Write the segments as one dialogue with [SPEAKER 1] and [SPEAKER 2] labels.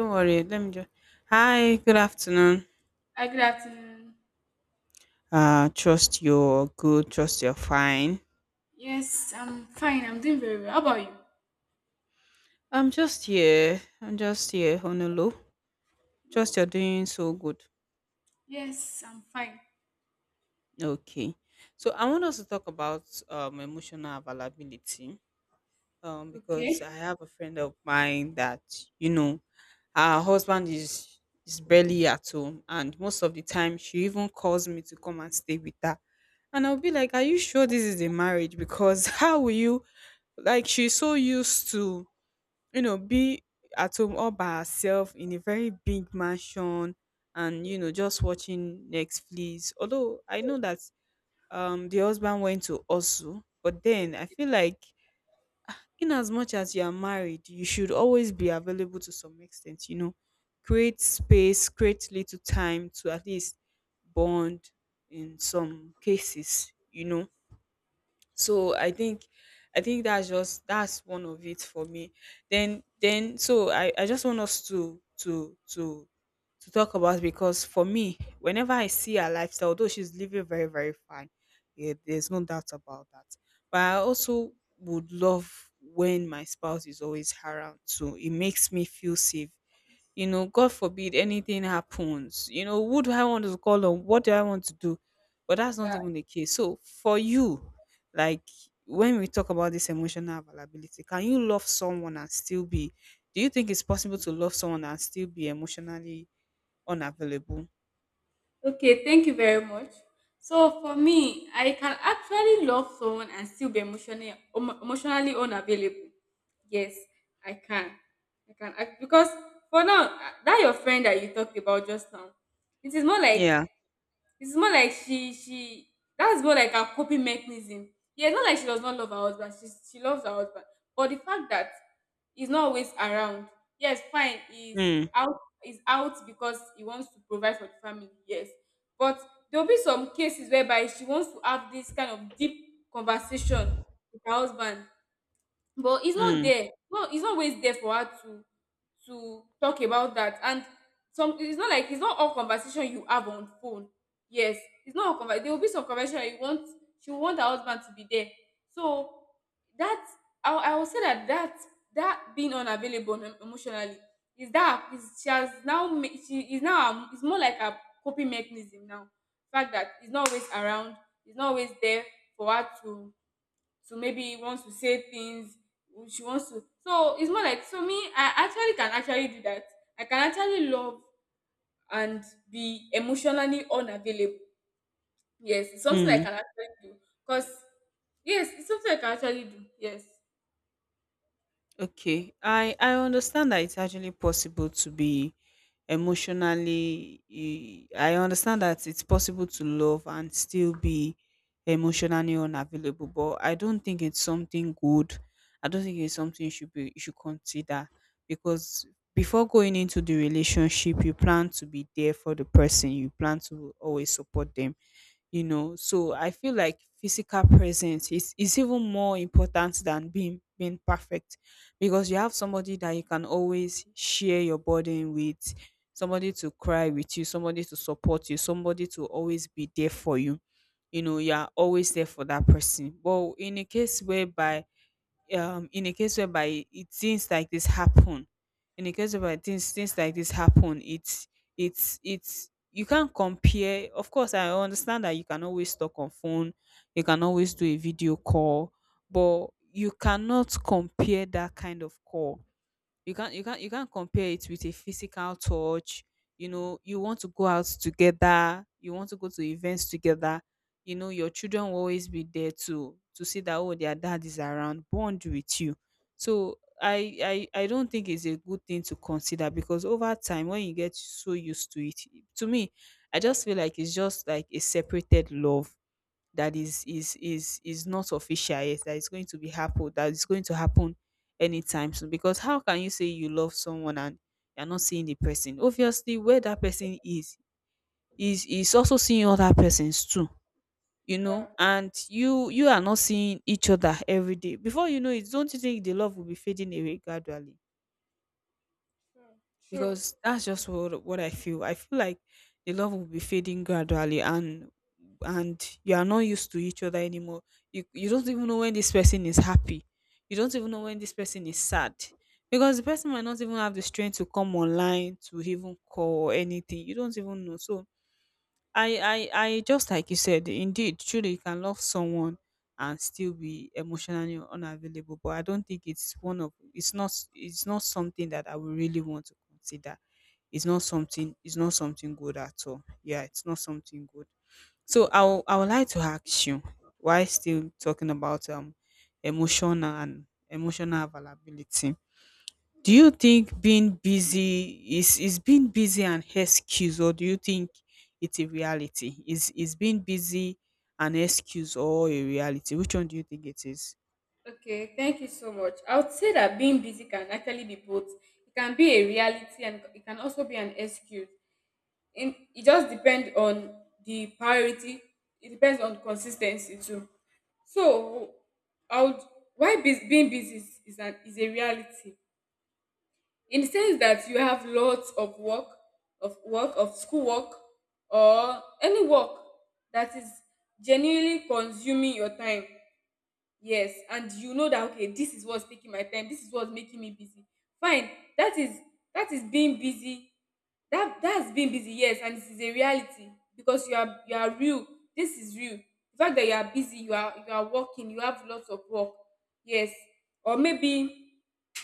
[SPEAKER 1] Don't worry. Let me just. Hi. Good afternoon.
[SPEAKER 2] Hi, good afternoon.
[SPEAKER 1] Trust you're good. Trust you're fine.
[SPEAKER 2] Yes, I'm fine. I'm doing very well. How about you?
[SPEAKER 1] I'm just here. I'm just here. Honolulu.
[SPEAKER 2] Oh,
[SPEAKER 1] Trust you're doing so good.
[SPEAKER 2] yes, I'm fine.
[SPEAKER 1] Okay. So I want us to talk about emotional availability. Because I
[SPEAKER 2] Okay.
[SPEAKER 1] have a friend of mine that you know, her husband is barely at home, and most of the time she even calls me to come and stay with her. And I'll be like, are you sure this is a marriage? Because how will you? Like, she's so used to be at home all by herself in a very big mansion, and just watching Netflix. Although I know that the husband went to also, but then I feel like, in as much as you are married, you should always be available to some extent. Create space, create little time to at least bond in some cases. So I think, that's just that's one of it for me. Then then so I just want us to talk about, because for me, whenever I see her lifestyle, although she's living very very fine, yeah, there's no doubt about that, but I also would love when my spouse is always around too. It makes me feel safe. God forbid anything happens. Who do I want to call on? What do I want to do? But that's not
[SPEAKER 2] Yeah.
[SPEAKER 1] even the case. So for you, like, when we talk about this emotional availability, can you love someone and still be do you think it's possible to love someone and still be emotionally unavailable?
[SPEAKER 2] Okay, thank you very much. So for me, I can actually love someone and still be emotionally unavailable. Yes, I can. I can act because for now, that your friend that you talked about just now, it is more like.
[SPEAKER 1] Yeah.
[SPEAKER 2] It's more like she, that's more like her coping mechanism. Yeah, it's not like she does not love her husband. She loves her husband, but the fact that he's not always around. Yes, fine,
[SPEAKER 1] Mm.
[SPEAKER 2] he's out because he wants to provide for the family. Yes, but there will be some cases whereby she wants to have this kind of deep conversation with her husband, but it's not
[SPEAKER 1] Mm.
[SPEAKER 2] there. No, it's not always there for her to talk about that. And some, it's not like it's not all conversation you have on phone. Yes, it's not all conversation. There will be some conversation that you want, she will want her husband to be there. So that I will say that being emotionally is that is she has she is now it's more like a coping mechanism now. Fact that it's not always around, it's not always there for her to maybe want to say things she wants to. So it's more like, so me, I actually can actually do that. I can actually love and be emotionally unavailable. Yes, it's something I
[SPEAKER 1] Mm.
[SPEAKER 2] can actually do. Because yes, it's something I can actually do. Yes.
[SPEAKER 1] Okay, I understand that it's actually possible to be emotionally, I understand that it's possible to love and still be emotionally unavailable, but I don't think it's something good. I don't think it's something you should consider, because before going into the relationship, you plan to be there for the person. You plan to always support them. So I feel like physical presence is even more important than being perfect, because you have somebody that you can always share your burden with, somebody to cry with you, somebody to support you, somebody to always be there for you. You know You are always there for that person, but in a case whereby, in a case whereby, it things like this happen. In a case whereby things like this happen, it's you can't compare. Of course, I understand that you can always talk on phone, you can always do a video call, but you cannot compare that kind of call. You can't compare it with a physical touch. You want to go out together, you want to go to events together. Your children will always be there to see that, oh, their dad is around, bond with you. So I don't think it's a good thing to consider, because over time when you get so used to it, to me, I just feel like it's just like a separated love that is not official yet, that is going to be happen, that is going to happen anytime soon. Because how can you say you love someone and you're not seeing the person? Obviously, where that person is, also seeing other persons too. you
[SPEAKER 2] Yes.
[SPEAKER 1] know
[SPEAKER 2] Yeah.
[SPEAKER 1] and you are not seeing each other every day. Before you know it, don't you think the love will be fading away gradually,
[SPEAKER 2] True. True.
[SPEAKER 1] because that's just what I feel. I feel like the love will be fading gradually, and you are not used to each other anymore. You don't even know when this person is happy. You don't even know when this person is sad, because the person might not even have the strength to come online to even call or anything. You don't even know. So I just, like you said, indeed, truly you can love someone and still be emotionally unavailable. But I don't think it's one of it's not something that I would really want to consider. It's not something good at all. Yeah, it's not something good. So I would like to ask you, why, still talking about emotional availability, do
[SPEAKER 2] Yeah.
[SPEAKER 1] you think being busy is being busy an excuse, or do you think it's a reality? Is being busy an excuse or a reality? Which one do you think it is?
[SPEAKER 2] Okay, thank you so much. I would say that being busy can actually be both. It can be a reality and it can also be an excuse. In it just depend on the priority, it depends on consis ten cy too. So I would, why bus being busy is an is a reality, in the sense that you have lots of work, of work, of school work, or any work that is genuinely consuming your time. Yes, and you know that okay, this is what's taking my time, this is what's making me busy. Fine, that is that is being busy. That's being busy, yes, and it is a reality because you are real. This is real. The fact that you are busy, you are working, you have lots of work. Yes. Or maybe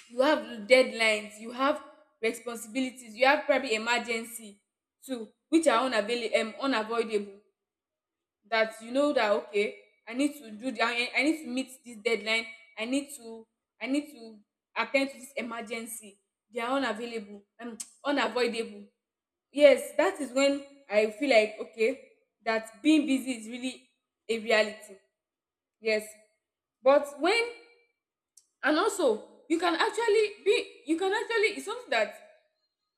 [SPEAKER 2] you have deadlines, you have responsibilities, you have probably emergency too, which are unavailable unavoidable. That you know that okay, I need to meet this deadline, i need to I need to attend to this emergency. They are unavailable unavoidable. Yes, that is when I feel like okay, that being busy is really a reality. Yes. But when, and also you can actually be, you can actually, it's something that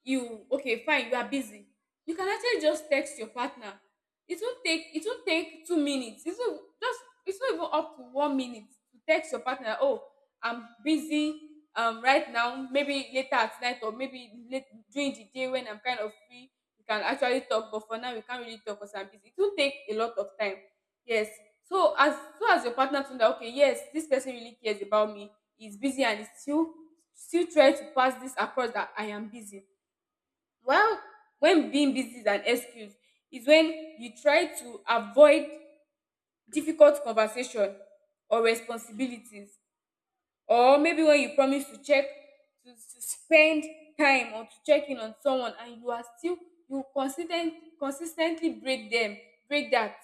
[SPEAKER 2] you, okay, fine, you are busy, you can actually just text your partner. It won't take 2 minutes, it will just, it's not even up to 1 minute, to text your partner, oh, I'm busy right now, maybe later at night, or maybe late during the day when I'm kind of free we can actually talk, but for now we can't really talk because I'm busy, it will take a lot of time. Yes. So as, so as your partner to know okay, yes, this person really cares about me, he's busy and he's still try to pass this across that I am busy. Well, when being busy is an excuse is when you try to avoid difficult conversation or responsibilities, or maybe when you promise to check, to spend time, or to check in on someone and you are still, you consistently break them, break that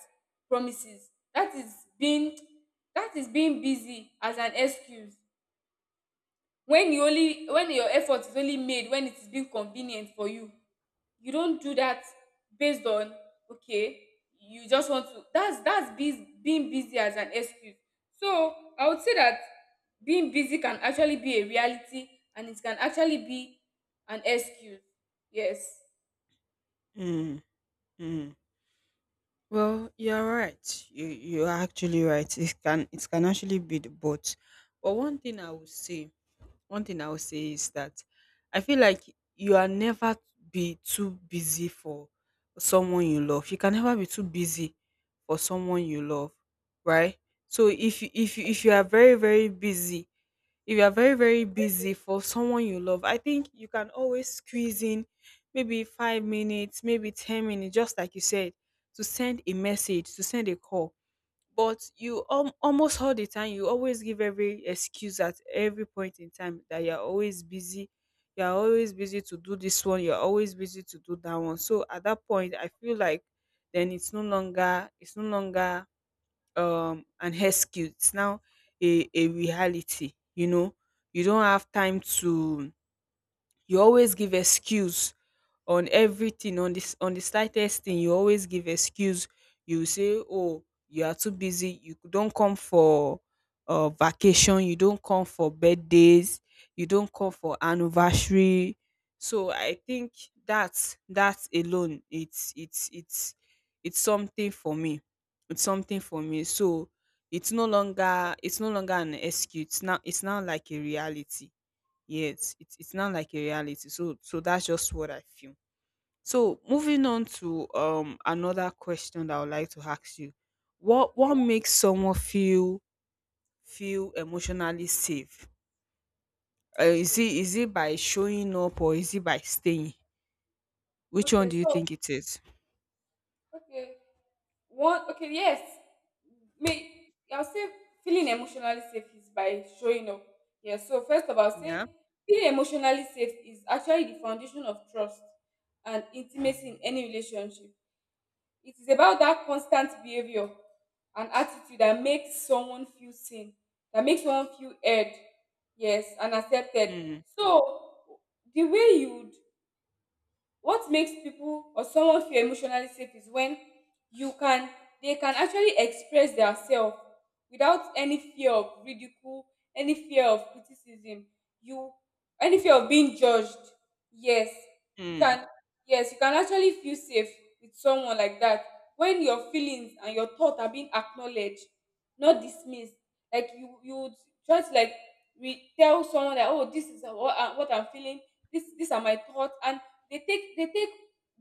[SPEAKER 2] promises. That is being, that is being busy as an excuse. When you only, when your effort is only made when it is being convenient for you, you don't do that based on okay, you just want to, that's being busy as an excuse. So I would say that being busy can actually be a reality, and it can actually be an excuse. Yes.
[SPEAKER 1] Mm, mm. Well, you're right. You're actually right. It can actually be the both. But one thing I would say, is that I feel like you are never be too busy for someone you love. You can never be too busy for someone you love, right? So if you are very very busy, if you are very very busy for someone you love, I think you can always squeeze in maybe 5 minutes, maybe 10 minutes, just like you said, to send a message, to send a call. But you, almost all the time, you always give every excuse at every point in time that you're always busy. You're always busy to do this one. You're always busy to do that one. So at that point, I feel like then it's no longer an excuse. It's now a reality. You know, you don't have time to You always give excuse on everything, on this, on the slightest thing. You always give excuse. You say, oh, you are too busy. You don't come for vacation, you don't come for birthdays, you don't come for anniversary. So I think that's, that alone, it's something for me, so it's no longer, an excuse now. It's now like a reality. Yes, it's not like a reality. So that's just what I feel. So moving on to another question that I would like to ask you.
[SPEAKER 2] okay
[SPEAKER 1] What makes someone feel, emotionally safe?
[SPEAKER 2] okay
[SPEAKER 1] Is it by showing up, or is it by staying? Which one
[SPEAKER 2] okay
[SPEAKER 1] do you
[SPEAKER 2] so
[SPEAKER 1] think it is?
[SPEAKER 2] okay One okay, yes. May I'll say feeling emotionally safe is by showing up. Yeah. So first of all, I'll say
[SPEAKER 1] Yeah.
[SPEAKER 2] feeling emotionally safe is actually the foundation of trust and intimacy in any relationship. It is about that constant behavior and attitude that makes someone feel seen, that makes someone feel heard, yes, and accepted.
[SPEAKER 1] Mm,
[SPEAKER 2] So the way you would, what makes people or someone feel emotionally safe is when you can, they can actually express themselves without any fear of ridicule, any fear of criticism, you any fear of being judged. Yes, you
[SPEAKER 1] mm,
[SPEAKER 2] can yes, you can actually feel safe with someone like that. When your feelings and your thoughts are being acknowledged, not dismissed, like you would try to like tell someone that oh, this is what what I'm feeling, this these are my thoughts, and they take they take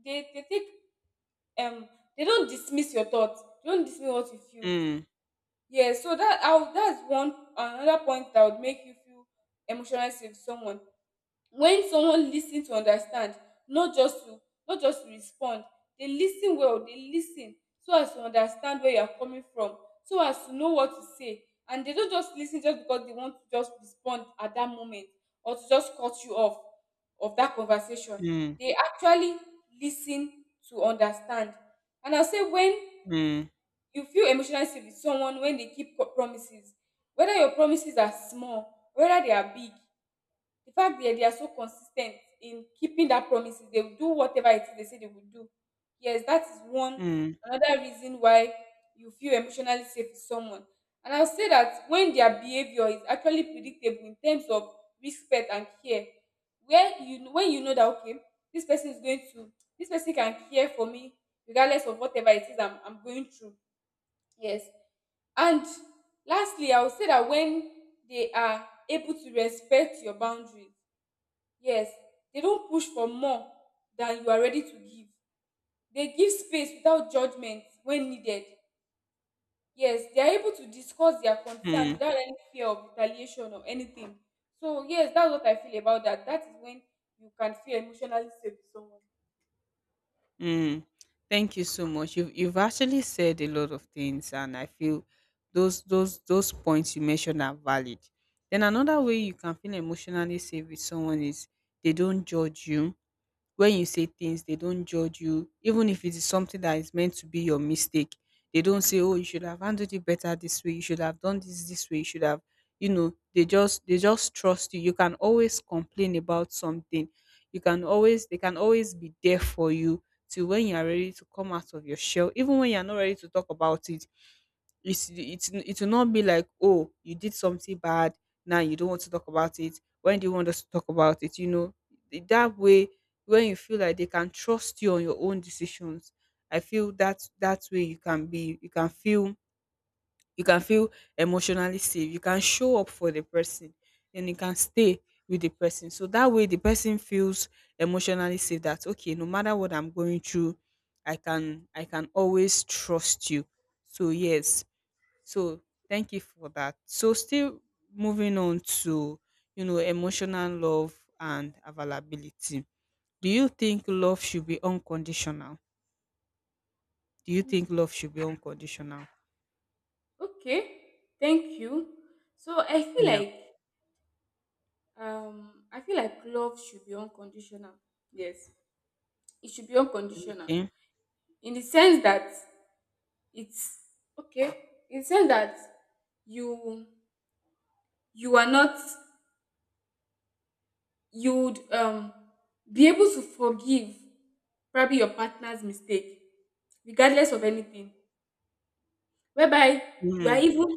[SPEAKER 2] they they take um they don't dismiss your thoughts, they don't dismiss what you feel.
[SPEAKER 1] mm,
[SPEAKER 2] Yeah, so that I would, that's one another point that would make you feel emotionally safe with someone. When someone lis ten to understand, not just to respond. Dey lis ten well, dey lis ten so as to understand where you are coming from, so as to know what to say. And they no just lis ten just because they want to just respond at that moment, or to just cut you off of that conversation.
[SPEAKER 1] mm,
[SPEAKER 2] They actually lis ten to understand. And I say when
[SPEAKER 1] mm,
[SPEAKER 2] you feel emotionally safe with someone, when they keep promises, whether your promises are small, whether they are big, the fact that they are so consistent in keeping that promises, they will do whatever it is they say they will do. Yes, that is one
[SPEAKER 1] mm,
[SPEAKER 2] another reason why you feel emotionally safe with someone. And I'll say that when their behavior is actually predictable in terms of respect and care, where you, when you know that okay, this person is going to this person can care for me, regardless of whatever it is I'm going through. Yes. And lastly I would say that when they are able to respect your boundaries. Yes, they don't push for more than you are ready to give. They give space without judgment when needed. Yes, they are able to discuss their concern
[SPEAKER 1] mm.
[SPEAKER 2] without any fear of retaliation or anything. So, yes, that's what I feel about that. That is when you can feel emotionally safe with someone.
[SPEAKER 1] Mm, thank you so much. You've actually said a lot of things, and I feel those points you mentioned are valid. Then another way you can feel emotionally safe with someone is, they don't judge you when you say things. They don't judge you even if it is something that is meant to be your mistake. They don't say, oh, you should have handled it better this way, you should have done this way, you should have you know they just, trust you. You can always complain about something, you can always they can always be there for you till when you are ready to come out of your shell. Even when you are not ready to talk about it, it's it will not be like, oh, you did something bad, now you don't want to talk about it. When do you want us to talk about it? That way, when you feel like they can trust you on your own decisions, I feel that that way you can be you can feel emotionally safe. You can show up for the person and you can stay with the person, so that way the person feels emotionally safe, that okay, no matter what I'm going through, I can always trust you. So yes, so thank you for that. So still moving on to emotional love and availability, do you think love should be unconditional? Do you think
[SPEAKER 2] Hmm.
[SPEAKER 1] love should be unconditional?
[SPEAKER 2] Okay, thank you. So
[SPEAKER 1] Yeah.
[SPEAKER 2] I feel like love should be unconditional. Yes, it should be unconditional,
[SPEAKER 1] Okay.
[SPEAKER 2] in the sense that it's, okay, it says that you you are not, you would be able to forgive probably your partner's mistake regardless of anything. Whereby you are
[SPEAKER 1] Mm,
[SPEAKER 2] even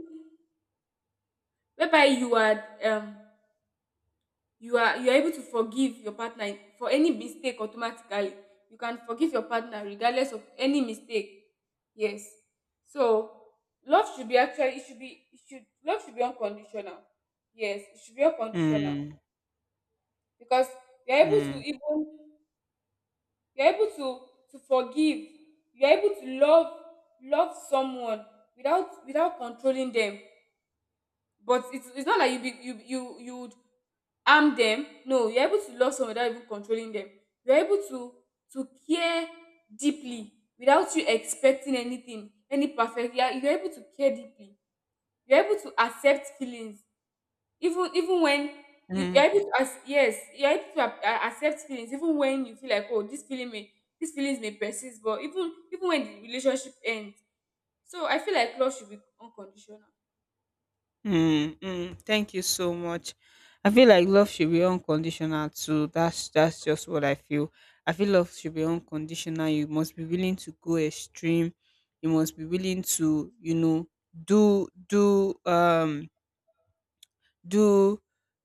[SPEAKER 2] whereby you are you are able to forgive your partner for any mistake automatically, you can forgive your partner regardless of any mistake. Yes. So love should be, actually it should be, it should, love should be unconditional. Yes, it should be unconditional,
[SPEAKER 1] mm,
[SPEAKER 2] because you're able to
[SPEAKER 1] mm,
[SPEAKER 2] even you're able to forgive, you're able to love someone without controlling them. But it's not like you be, you would harm them, no, you're able to love someone without even controlling them. You're able to care deeply without you expecting anything, any perfect, you're able to care deeply, you're able to accept feelings, even even when
[SPEAKER 1] mm,
[SPEAKER 2] you're able to, as yes, you're able to accept feelings even when you feel like oh, this feeling may, these feelings may persist, but even even when the relationship ends. So I feel like love should be unconditional.
[SPEAKER 1] mm, mm. Thank you so much. I feel like love should be unconditional too. That's, just what I feel. I feel love should be unconditional. You must be willing to go extreme. You must be willing to, you know, do do do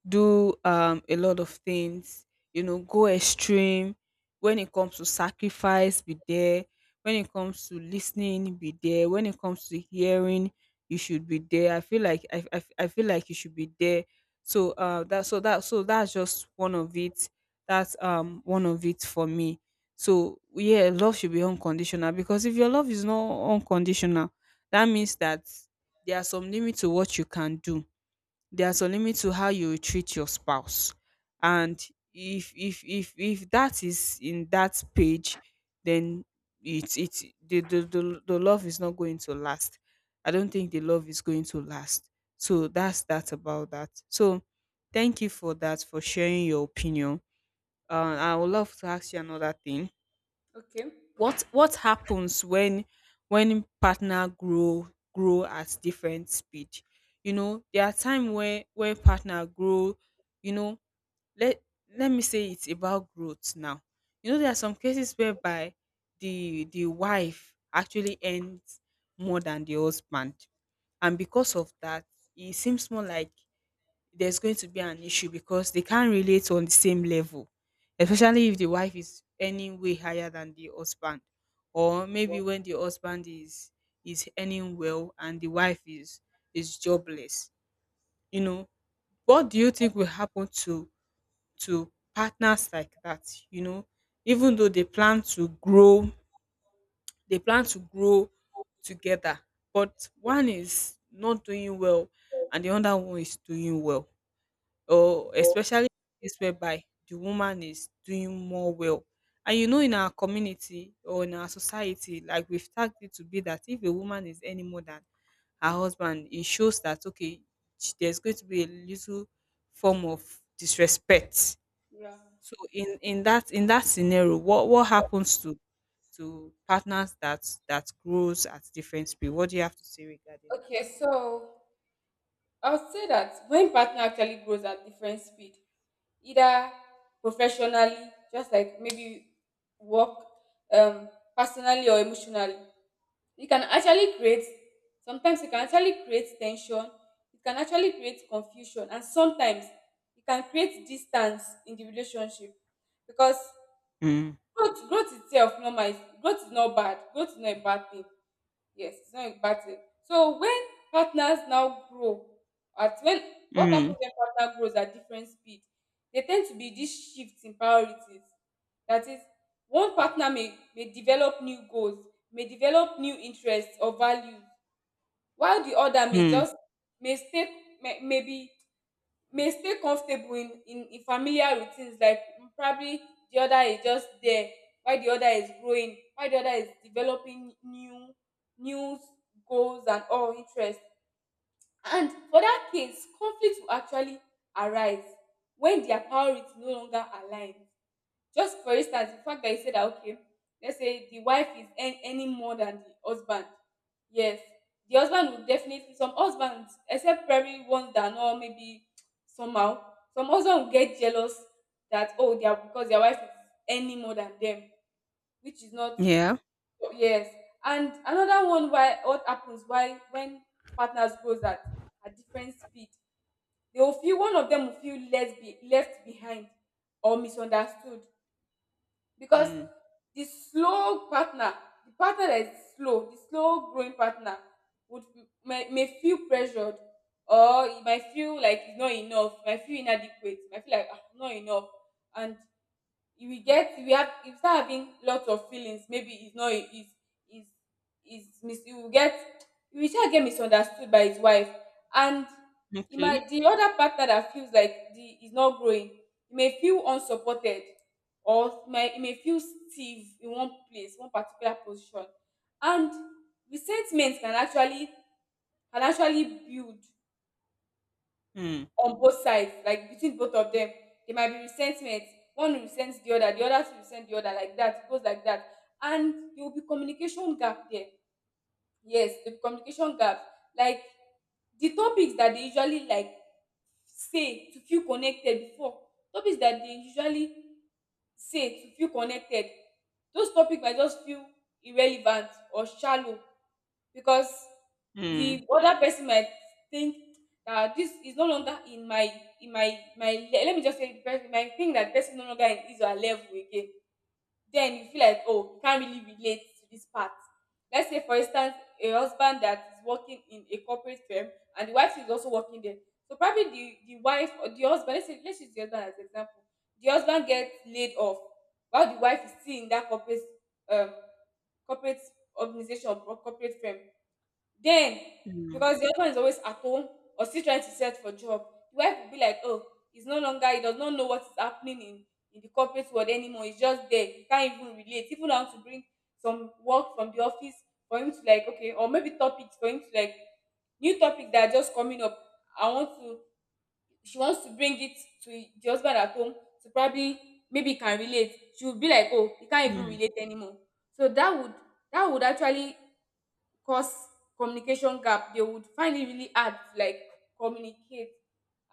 [SPEAKER 1] do a lot of things. Go extreme. When it comes to sacrifice, be there. When it comes to listening, be there. When it comes to hearing, you should be there. I feel like you should be there. So that so that so that's just one of it. That's, one of it for me. So yeah, love should be unconditional, because if your love is not unconditional, that means that there are some limits to what you can do. There's a limit to how you treat your spouse. And if that is in that page, then it's the love is not going to last. I don't think the love is going to last. So that's that about that. So thank you for that for sharing your opinion. I would love to ask you another thing.
[SPEAKER 2] Okay.
[SPEAKER 1] What happens when partner grow grow at different speed? You know, there are time where partner grow, you know, let let me say it's about growth now. You know, there are some cases whereby the wife actually earns more than the husband, and because of that, it seems more like there's going to be an issue because they can't relate on the same level, especially if the wife is earning way higher than the husband, or maybe when the husband is earning well and the wife is jobless. You know, what do you think will happen to partners like that? You know, even though they plan to grow, they plan to grow together, but one is not doing well and the other one is doing well, or especially case whereby the woman is doing more well. And you know, in our community or in our society, like we've tagged it to be that if a woman is any more than her husband, it shows that, okay, there's going to be a little form of disrespect.
[SPEAKER 2] Yeah.
[SPEAKER 1] So in that scenario, what happens to partners that that grows at different speed? What do you have to say regarding that?
[SPEAKER 2] Okay, so I would say that when partner actually grows at different speed, either professionally, just like maybe work, um personally or emotionally, it can actually create, sometimes it can actually create ten sion, it can actually create confusion, and sometimes it can create distance in the relationship. Because
[SPEAKER 1] Mm,
[SPEAKER 2] growth itself normal is, growth is not bad, growth is not a bad thing. Yes, it's not impacted. So when partners now grow, at when, what happens
[SPEAKER 1] mm,
[SPEAKER 2] when partner grows at different speed, there tend to be this shift in priorities. That is, one partner may develop new goals, may develop new interests or values, while the other may
[SPEAKER 1] mm.
[SPEAKER 2] just may stay may, maybe may stay comfortable in familiar routines like probably the other is just there while the other is growing, while the other is developing new goals and all interests. And for that case, conflict will actually arise when their priorities no longer align. Just for instance, the fact that you said that, okay, let's say the wife is earning more than the husband. Yes, the husband will definitely, some husbands, except probably ones that know, maybe somehow, some husband will get jealous that, oh, they are, because their wife is earning more than them, which is not,
[SPEAKER 1] Yeah.
[SPEAKER 2] yes. And another one, why, what happens why when partners grows at different speed, they will feel, one of them will feel less left behind or misunderstood because
[SPEAKER 1] Mm.
[SPEAKER 2] the slow partner, the partner that is slow, the slow growing partner would may feel pressured, or he might feel like he's not enough, might feel inadequate, might feel like, "Ah, I'm not enough," and if we get if we have if we start having lots of feelings, maybe he's not he's he's he's mis- he will get, he will try get misunderstood by his wife. And he
[SPEAKER 1] Okay.
[SPEAKER 2] might, the other partner that feels like the he's not growing, he may feel unsupported, or he may feel stiff in one place, one particular position. And resentment can actually build
[SPEAKER 1] Mm.
[SPEAKER 2] on both sides, like between both of them. There might be resentment. One resents the other resents the other, like that. It goes like that. And there will be communication gap there. Yes, the communication gap. Like the topics that they usually like say to feel connected before, topics that they usually say to feel connected, those topics might just feel irrelevant or shallow because
[SPEAKER 1] Hmm,
[SPEAKER 2] the other person might think that this is no longer in my let me just say, the person might think that the person no longer is your level again, then you feel like, oh, you can't really relate to this part. Let's say for instance, a husband that is working in a corporate firm and the wife is also working there. So probably the wife or the husband, let's say let's use the husband as an example. The husband gets laid off while the wife is still in that corporate um corporate organization or corporate firm. Then,
[SPEAKER 1] hmm,
[SPEAKER 2] because the husband is always at home or still trying to search for job, the wife will be like, oh, he's no longer, he does not know what is happening in the corporate world anymore. He's just there. He can't even relate. Even how to bring some work from the office for him to like, okay, or maybe topics for him to like, new topics that are just coming up. I want to, she wants to bring it to the husband at home to probably, maybe he can relate. She would be like, oh, he can't even
[SPEAKER 1] hmm,
[SPEAKER 2] relate anymore. So that would, that would actually cause communication gap. They would find it really hard to like communicate,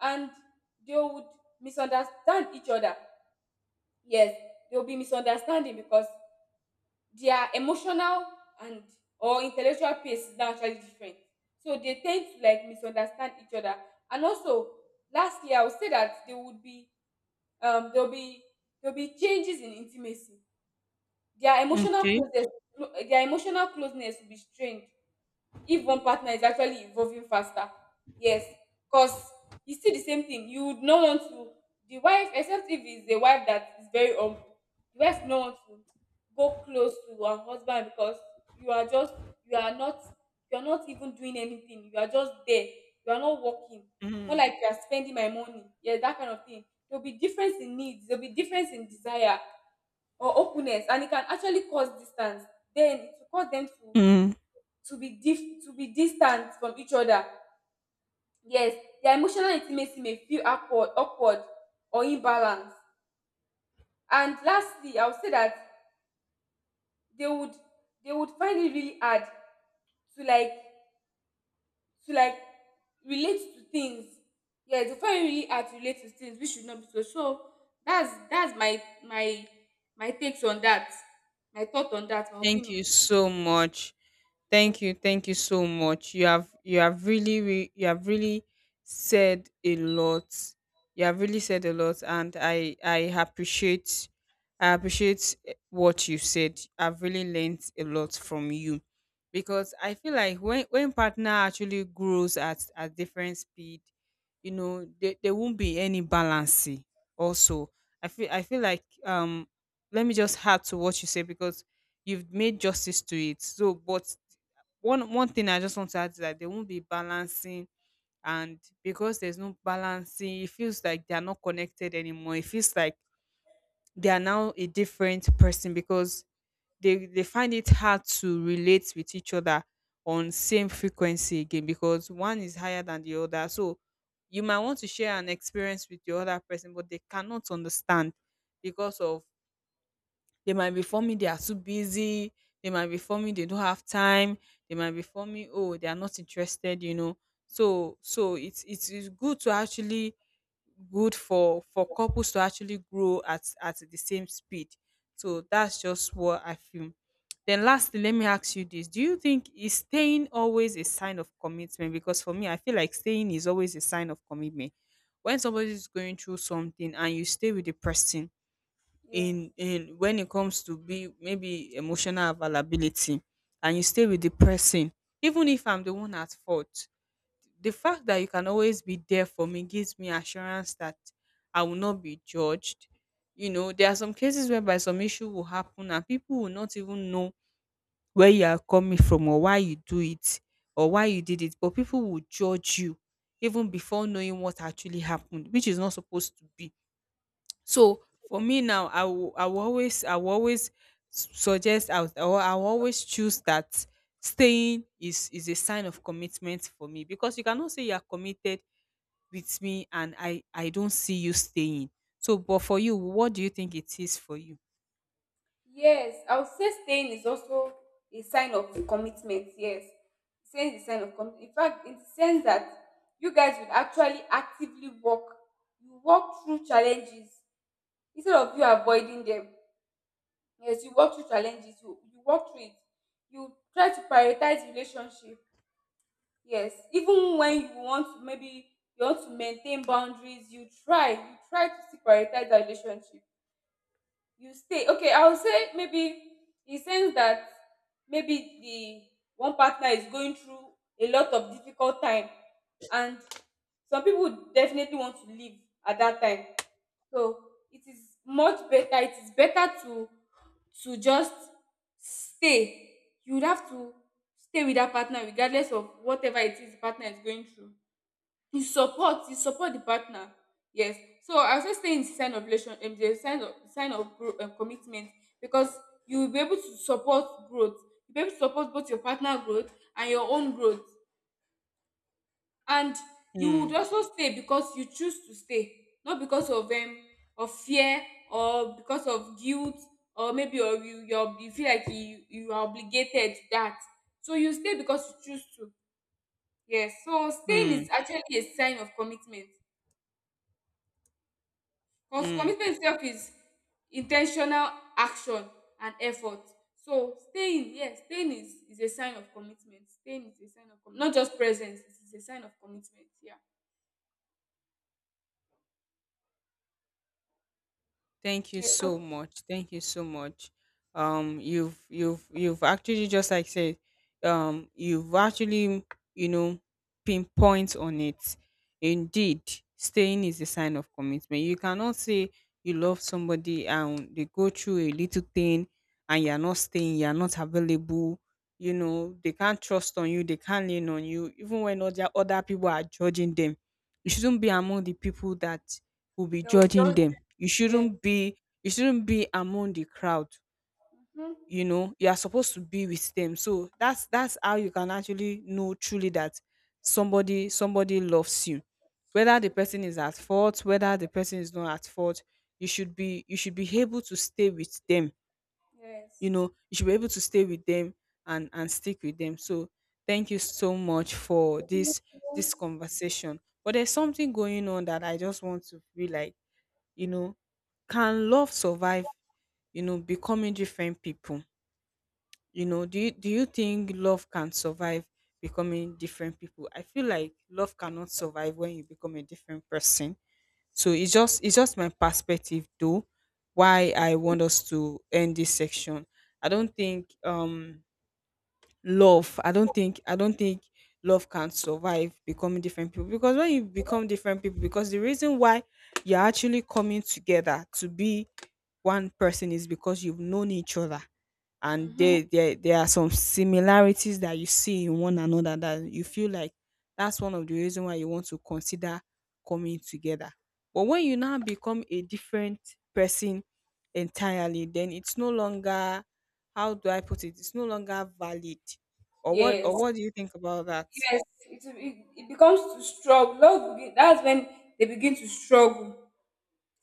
[SPEAKER 2] and they would misunderstand each other. Yes, there will be misunderstanding because their emotional and or intellectual pace is now actually different, so they tend to like misunderstand each other. And also lastly, I would say that there would be there will be, there will be changes in intimacy. Their emotional
[SPEAKER 1] Okay.
[SPEAKER 2] closeness, their emotional closeness will be strained if one partner is actually evolving faster. Yes, because it's still the same thing. You would not want to, the wife, except if it's a wife that is very humble, the wife would not want to go close to her husband because you are just, you are not, you are not even doing anything. You are just there. You are not working. More
[SPEAKER 1] hmm,
[SPEAKER 2] like you are spending my money. Yeah, that kind of thing. There'll be difference in needs. There'll be difference in desire or openness, and it can actually cause distance. Then it will cause them to
[SPEAKER 1] hmm.
[SPEAKER 2] to be distant from each other. Yes, their emotional intimacy may feel awkward or imbalanced. And lastly, I would say that they would, they would find it really hard to like to like relate to things. Yes, they find it really hard to relate to things, which should not be so. So that's my my my takes on that, my thought on that, my
[SPEAKER 1] Thank
[SPEAKER 2] opinion.
[SPEAKER 1] you so much.
[SPEAKER 2] Yeah.
[SPEAKER 1] Thank you so much. You have really you have really said a lot. You have really said a lot, and I appreciate I appreciate what you said. I've really learned a lot from you because I feel like when partner actually grows at different speed, you know, there won't be any balance. Also, I feel like let me just add to what you say because you've made justice to it. So, but one one thing I just want to add is that they won't be balancing, and because there's no balancing, it feels like they are not connected anymore. It feels like they are now a different person because they find it hard to relate with each other on same frequency again because one is higher than the other. So you might want to share an experience with your other person, but they cannot understand because of they might be forming they are too busy. They might be forming they don't have time. They might be forming oh they are not interested. You know, so so it's good to actually good for couples to actually grow at the same speed. So that's just what I feel. Then lastly, let me ask you this. Do you think is staying always a sign of commitment? Because for me, I feel like staying is always a sign of commitment. When somebody is going through something and you stay with the person,
[SPEAKER 2] Yes.
[SPEAKER 1] in when it comes to be maybe emotional availability and you stay with the person, even if I'm the one at fault, the fact that you can always be there for me gives me assurance that I will not be judged. You know, there are some cases whereby some issue will happen and people will not even know where you are coming from or why you do it or why you did it, but people will judge you even before knowing what actually happened, which is not supposed to be. So for me now, I will always suggest I will, I will I will always choose that staying is a sign of commitment for me because you cannot say you are committed with me and I don't see you staying. So, but for you, what do you think it is for you?
[SPEAKER 2] Yes, I would say staying is also a sign of commitment. Yes, staying is a sign of commitment. In fact, it sense that you guys would actually actively work. You work through challenges instead of you avoiding them. Yes, you work through challenges. You work through it. You try to prioritize relationship. Yes, even when you want to maybe you want to maintain boundaries, you try. You try to still prioritize that relationship. You stay, okay, I would say maybe he sense that maybe the one partner is going through a lot of difficult time, and some people definitely want to leave at that time. So it is much better, it is better to just stay. You would have to stay with that partner regardless of whatever it is the partner is going through. You support the partner. Yes, so I would say stay in the sign of relation the sign of gro commitment, because you will be able to support growth, you will be able to support both your partner growth and your own growth. And you would
[SPEAKER 1] Mm,
[SPEAKER 2] also stay because you choose to stay, not because of fear or because of guilt, or maybe or you feel like you are obligated to that. So you stay because you choose to. Yes, so staying
[SPEAKER 1] mm,
[SPEAKER 2] is actually a sign of commitment. Because
[SPEAKER 1] mm.
[SPEAKER 2] commitment itself is intentional action and effort. So staying, yes, staying is a sign of commitment. Staying is a sign of not just presence, it is a sign of commitment. Yeah.
[SPEAKER 1] Thank you
[SPEAKER 2] Yeah.
[SPEAKER 1] so
[SPEAKER 2] So
[SPEAKER 1] much. Thank you so much. You've you've actually just like said, you've actually you know pinpoint on it. Indeed, staying is a sign of commitment. You cannot say you love somebody and they go through a little thing and you're not staying, you're not available. You know they can't trust on you, they can't lean on you, even when other people are judging them. You shouldn't be among the people that will be
[SPEAKER 2] they will
[SPEAKER 1] judging
[SPEAKER 2] just
[SPEAKER 1] them.
[SPEAKER 2] yeah.
[SPEAKER 1] You shouldn't be among the crowd.
[SPEAKER 2] Mhm.
[SPEAKER 1] You know, you are supposed to be with them. So that's how you can actually know truly that somebody somebody loves you. Whether the
[SPEAKER 2] True.
[SPEAKER 1] person is at fault, whether the person is not at fault, you should be able to stay with them. You
[SPEAKER 2] Yes.
[SPEAKER 1] know, you should be able to stay with them and stick with them. So thank you so much for
[SPEAKER 2] Thank you.
[SPEAKER 1] this this conversation. But there's something going on that I just want to be like, you know, can love survive, you know, becoming different people? You know, do you think love can survive becoming different people? I feel like love cannot survive when you become a different person. So it's just my perspective though why I
[SPEAKER 2] Okay.
[SPEAKER 1] want us to end this section. I don't think love I don't think I don't think love can survive becoming different people because when you become different people because the reason why you're actually coming together to be one person is because you've known each other and
[SPEAKER 2] Mm-hmm.
[SPEAKER 1] there there are some similarities that you see in one another that you feel like that's one of the reason why you want to consider coming together, but when you now become a different person entirely, then it's no longer how do I put it? It's no longer valid.
[SPEAKER 2] Yes,
[SPEAKER 1] Or what do you think about that?
[SPEAKER 2] yes. It becomes to struggle. Love, that's when they begin to struggle.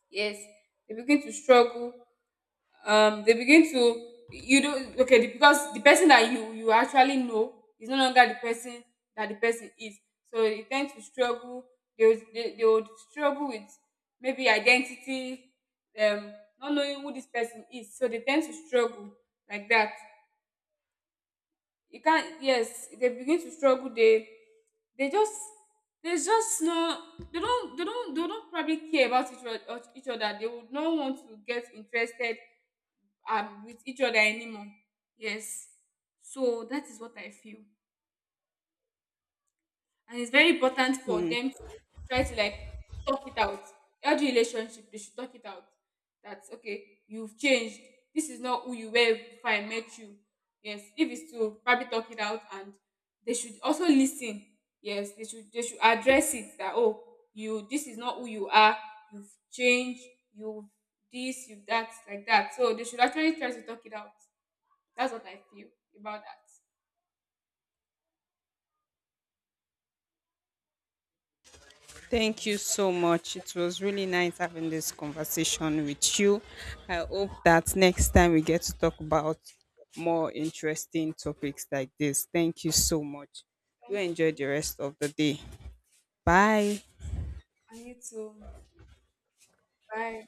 [SPEAKER 2] Yes, they begin to struggle, they begin to you do okay because the person that you actually know is no longer the person that the person is. So they tend to struggle. They would they would struggle with maybe identity, um not knowing who this person is, so they tend to struggle like that. You can't, yes, they begin to struggle. They they just there's just no, they don't probably care about each other. They would not want to get interested with each other anymore. Yes, so that is what I feel. And it's very important for them to try to like talk it out. Every relationship, they should talk it out. That's okay, you've changed, this is not who you were before I met you. Yes, if it's to probably talk it out, and they should also listen. Yes, they should, they should address it that, oh, you, this is not who you are, you've changed, you've this you've that like that. So they should actually try to talk it out. That's what I feel about that.
[SPEAKER 1] Thank you so much. It was really nice having this conversation with you. I hope that next time we get to talk about more interesting topics like this. Thank you so much. Do
[SPEAKER 2] Thank
[SPEAKER 1] enjoy
[SPEAKER 2] you.
[SPEAKER 1] the rest of the day. Bye.
[SPEAKER 2] And you too. Bye.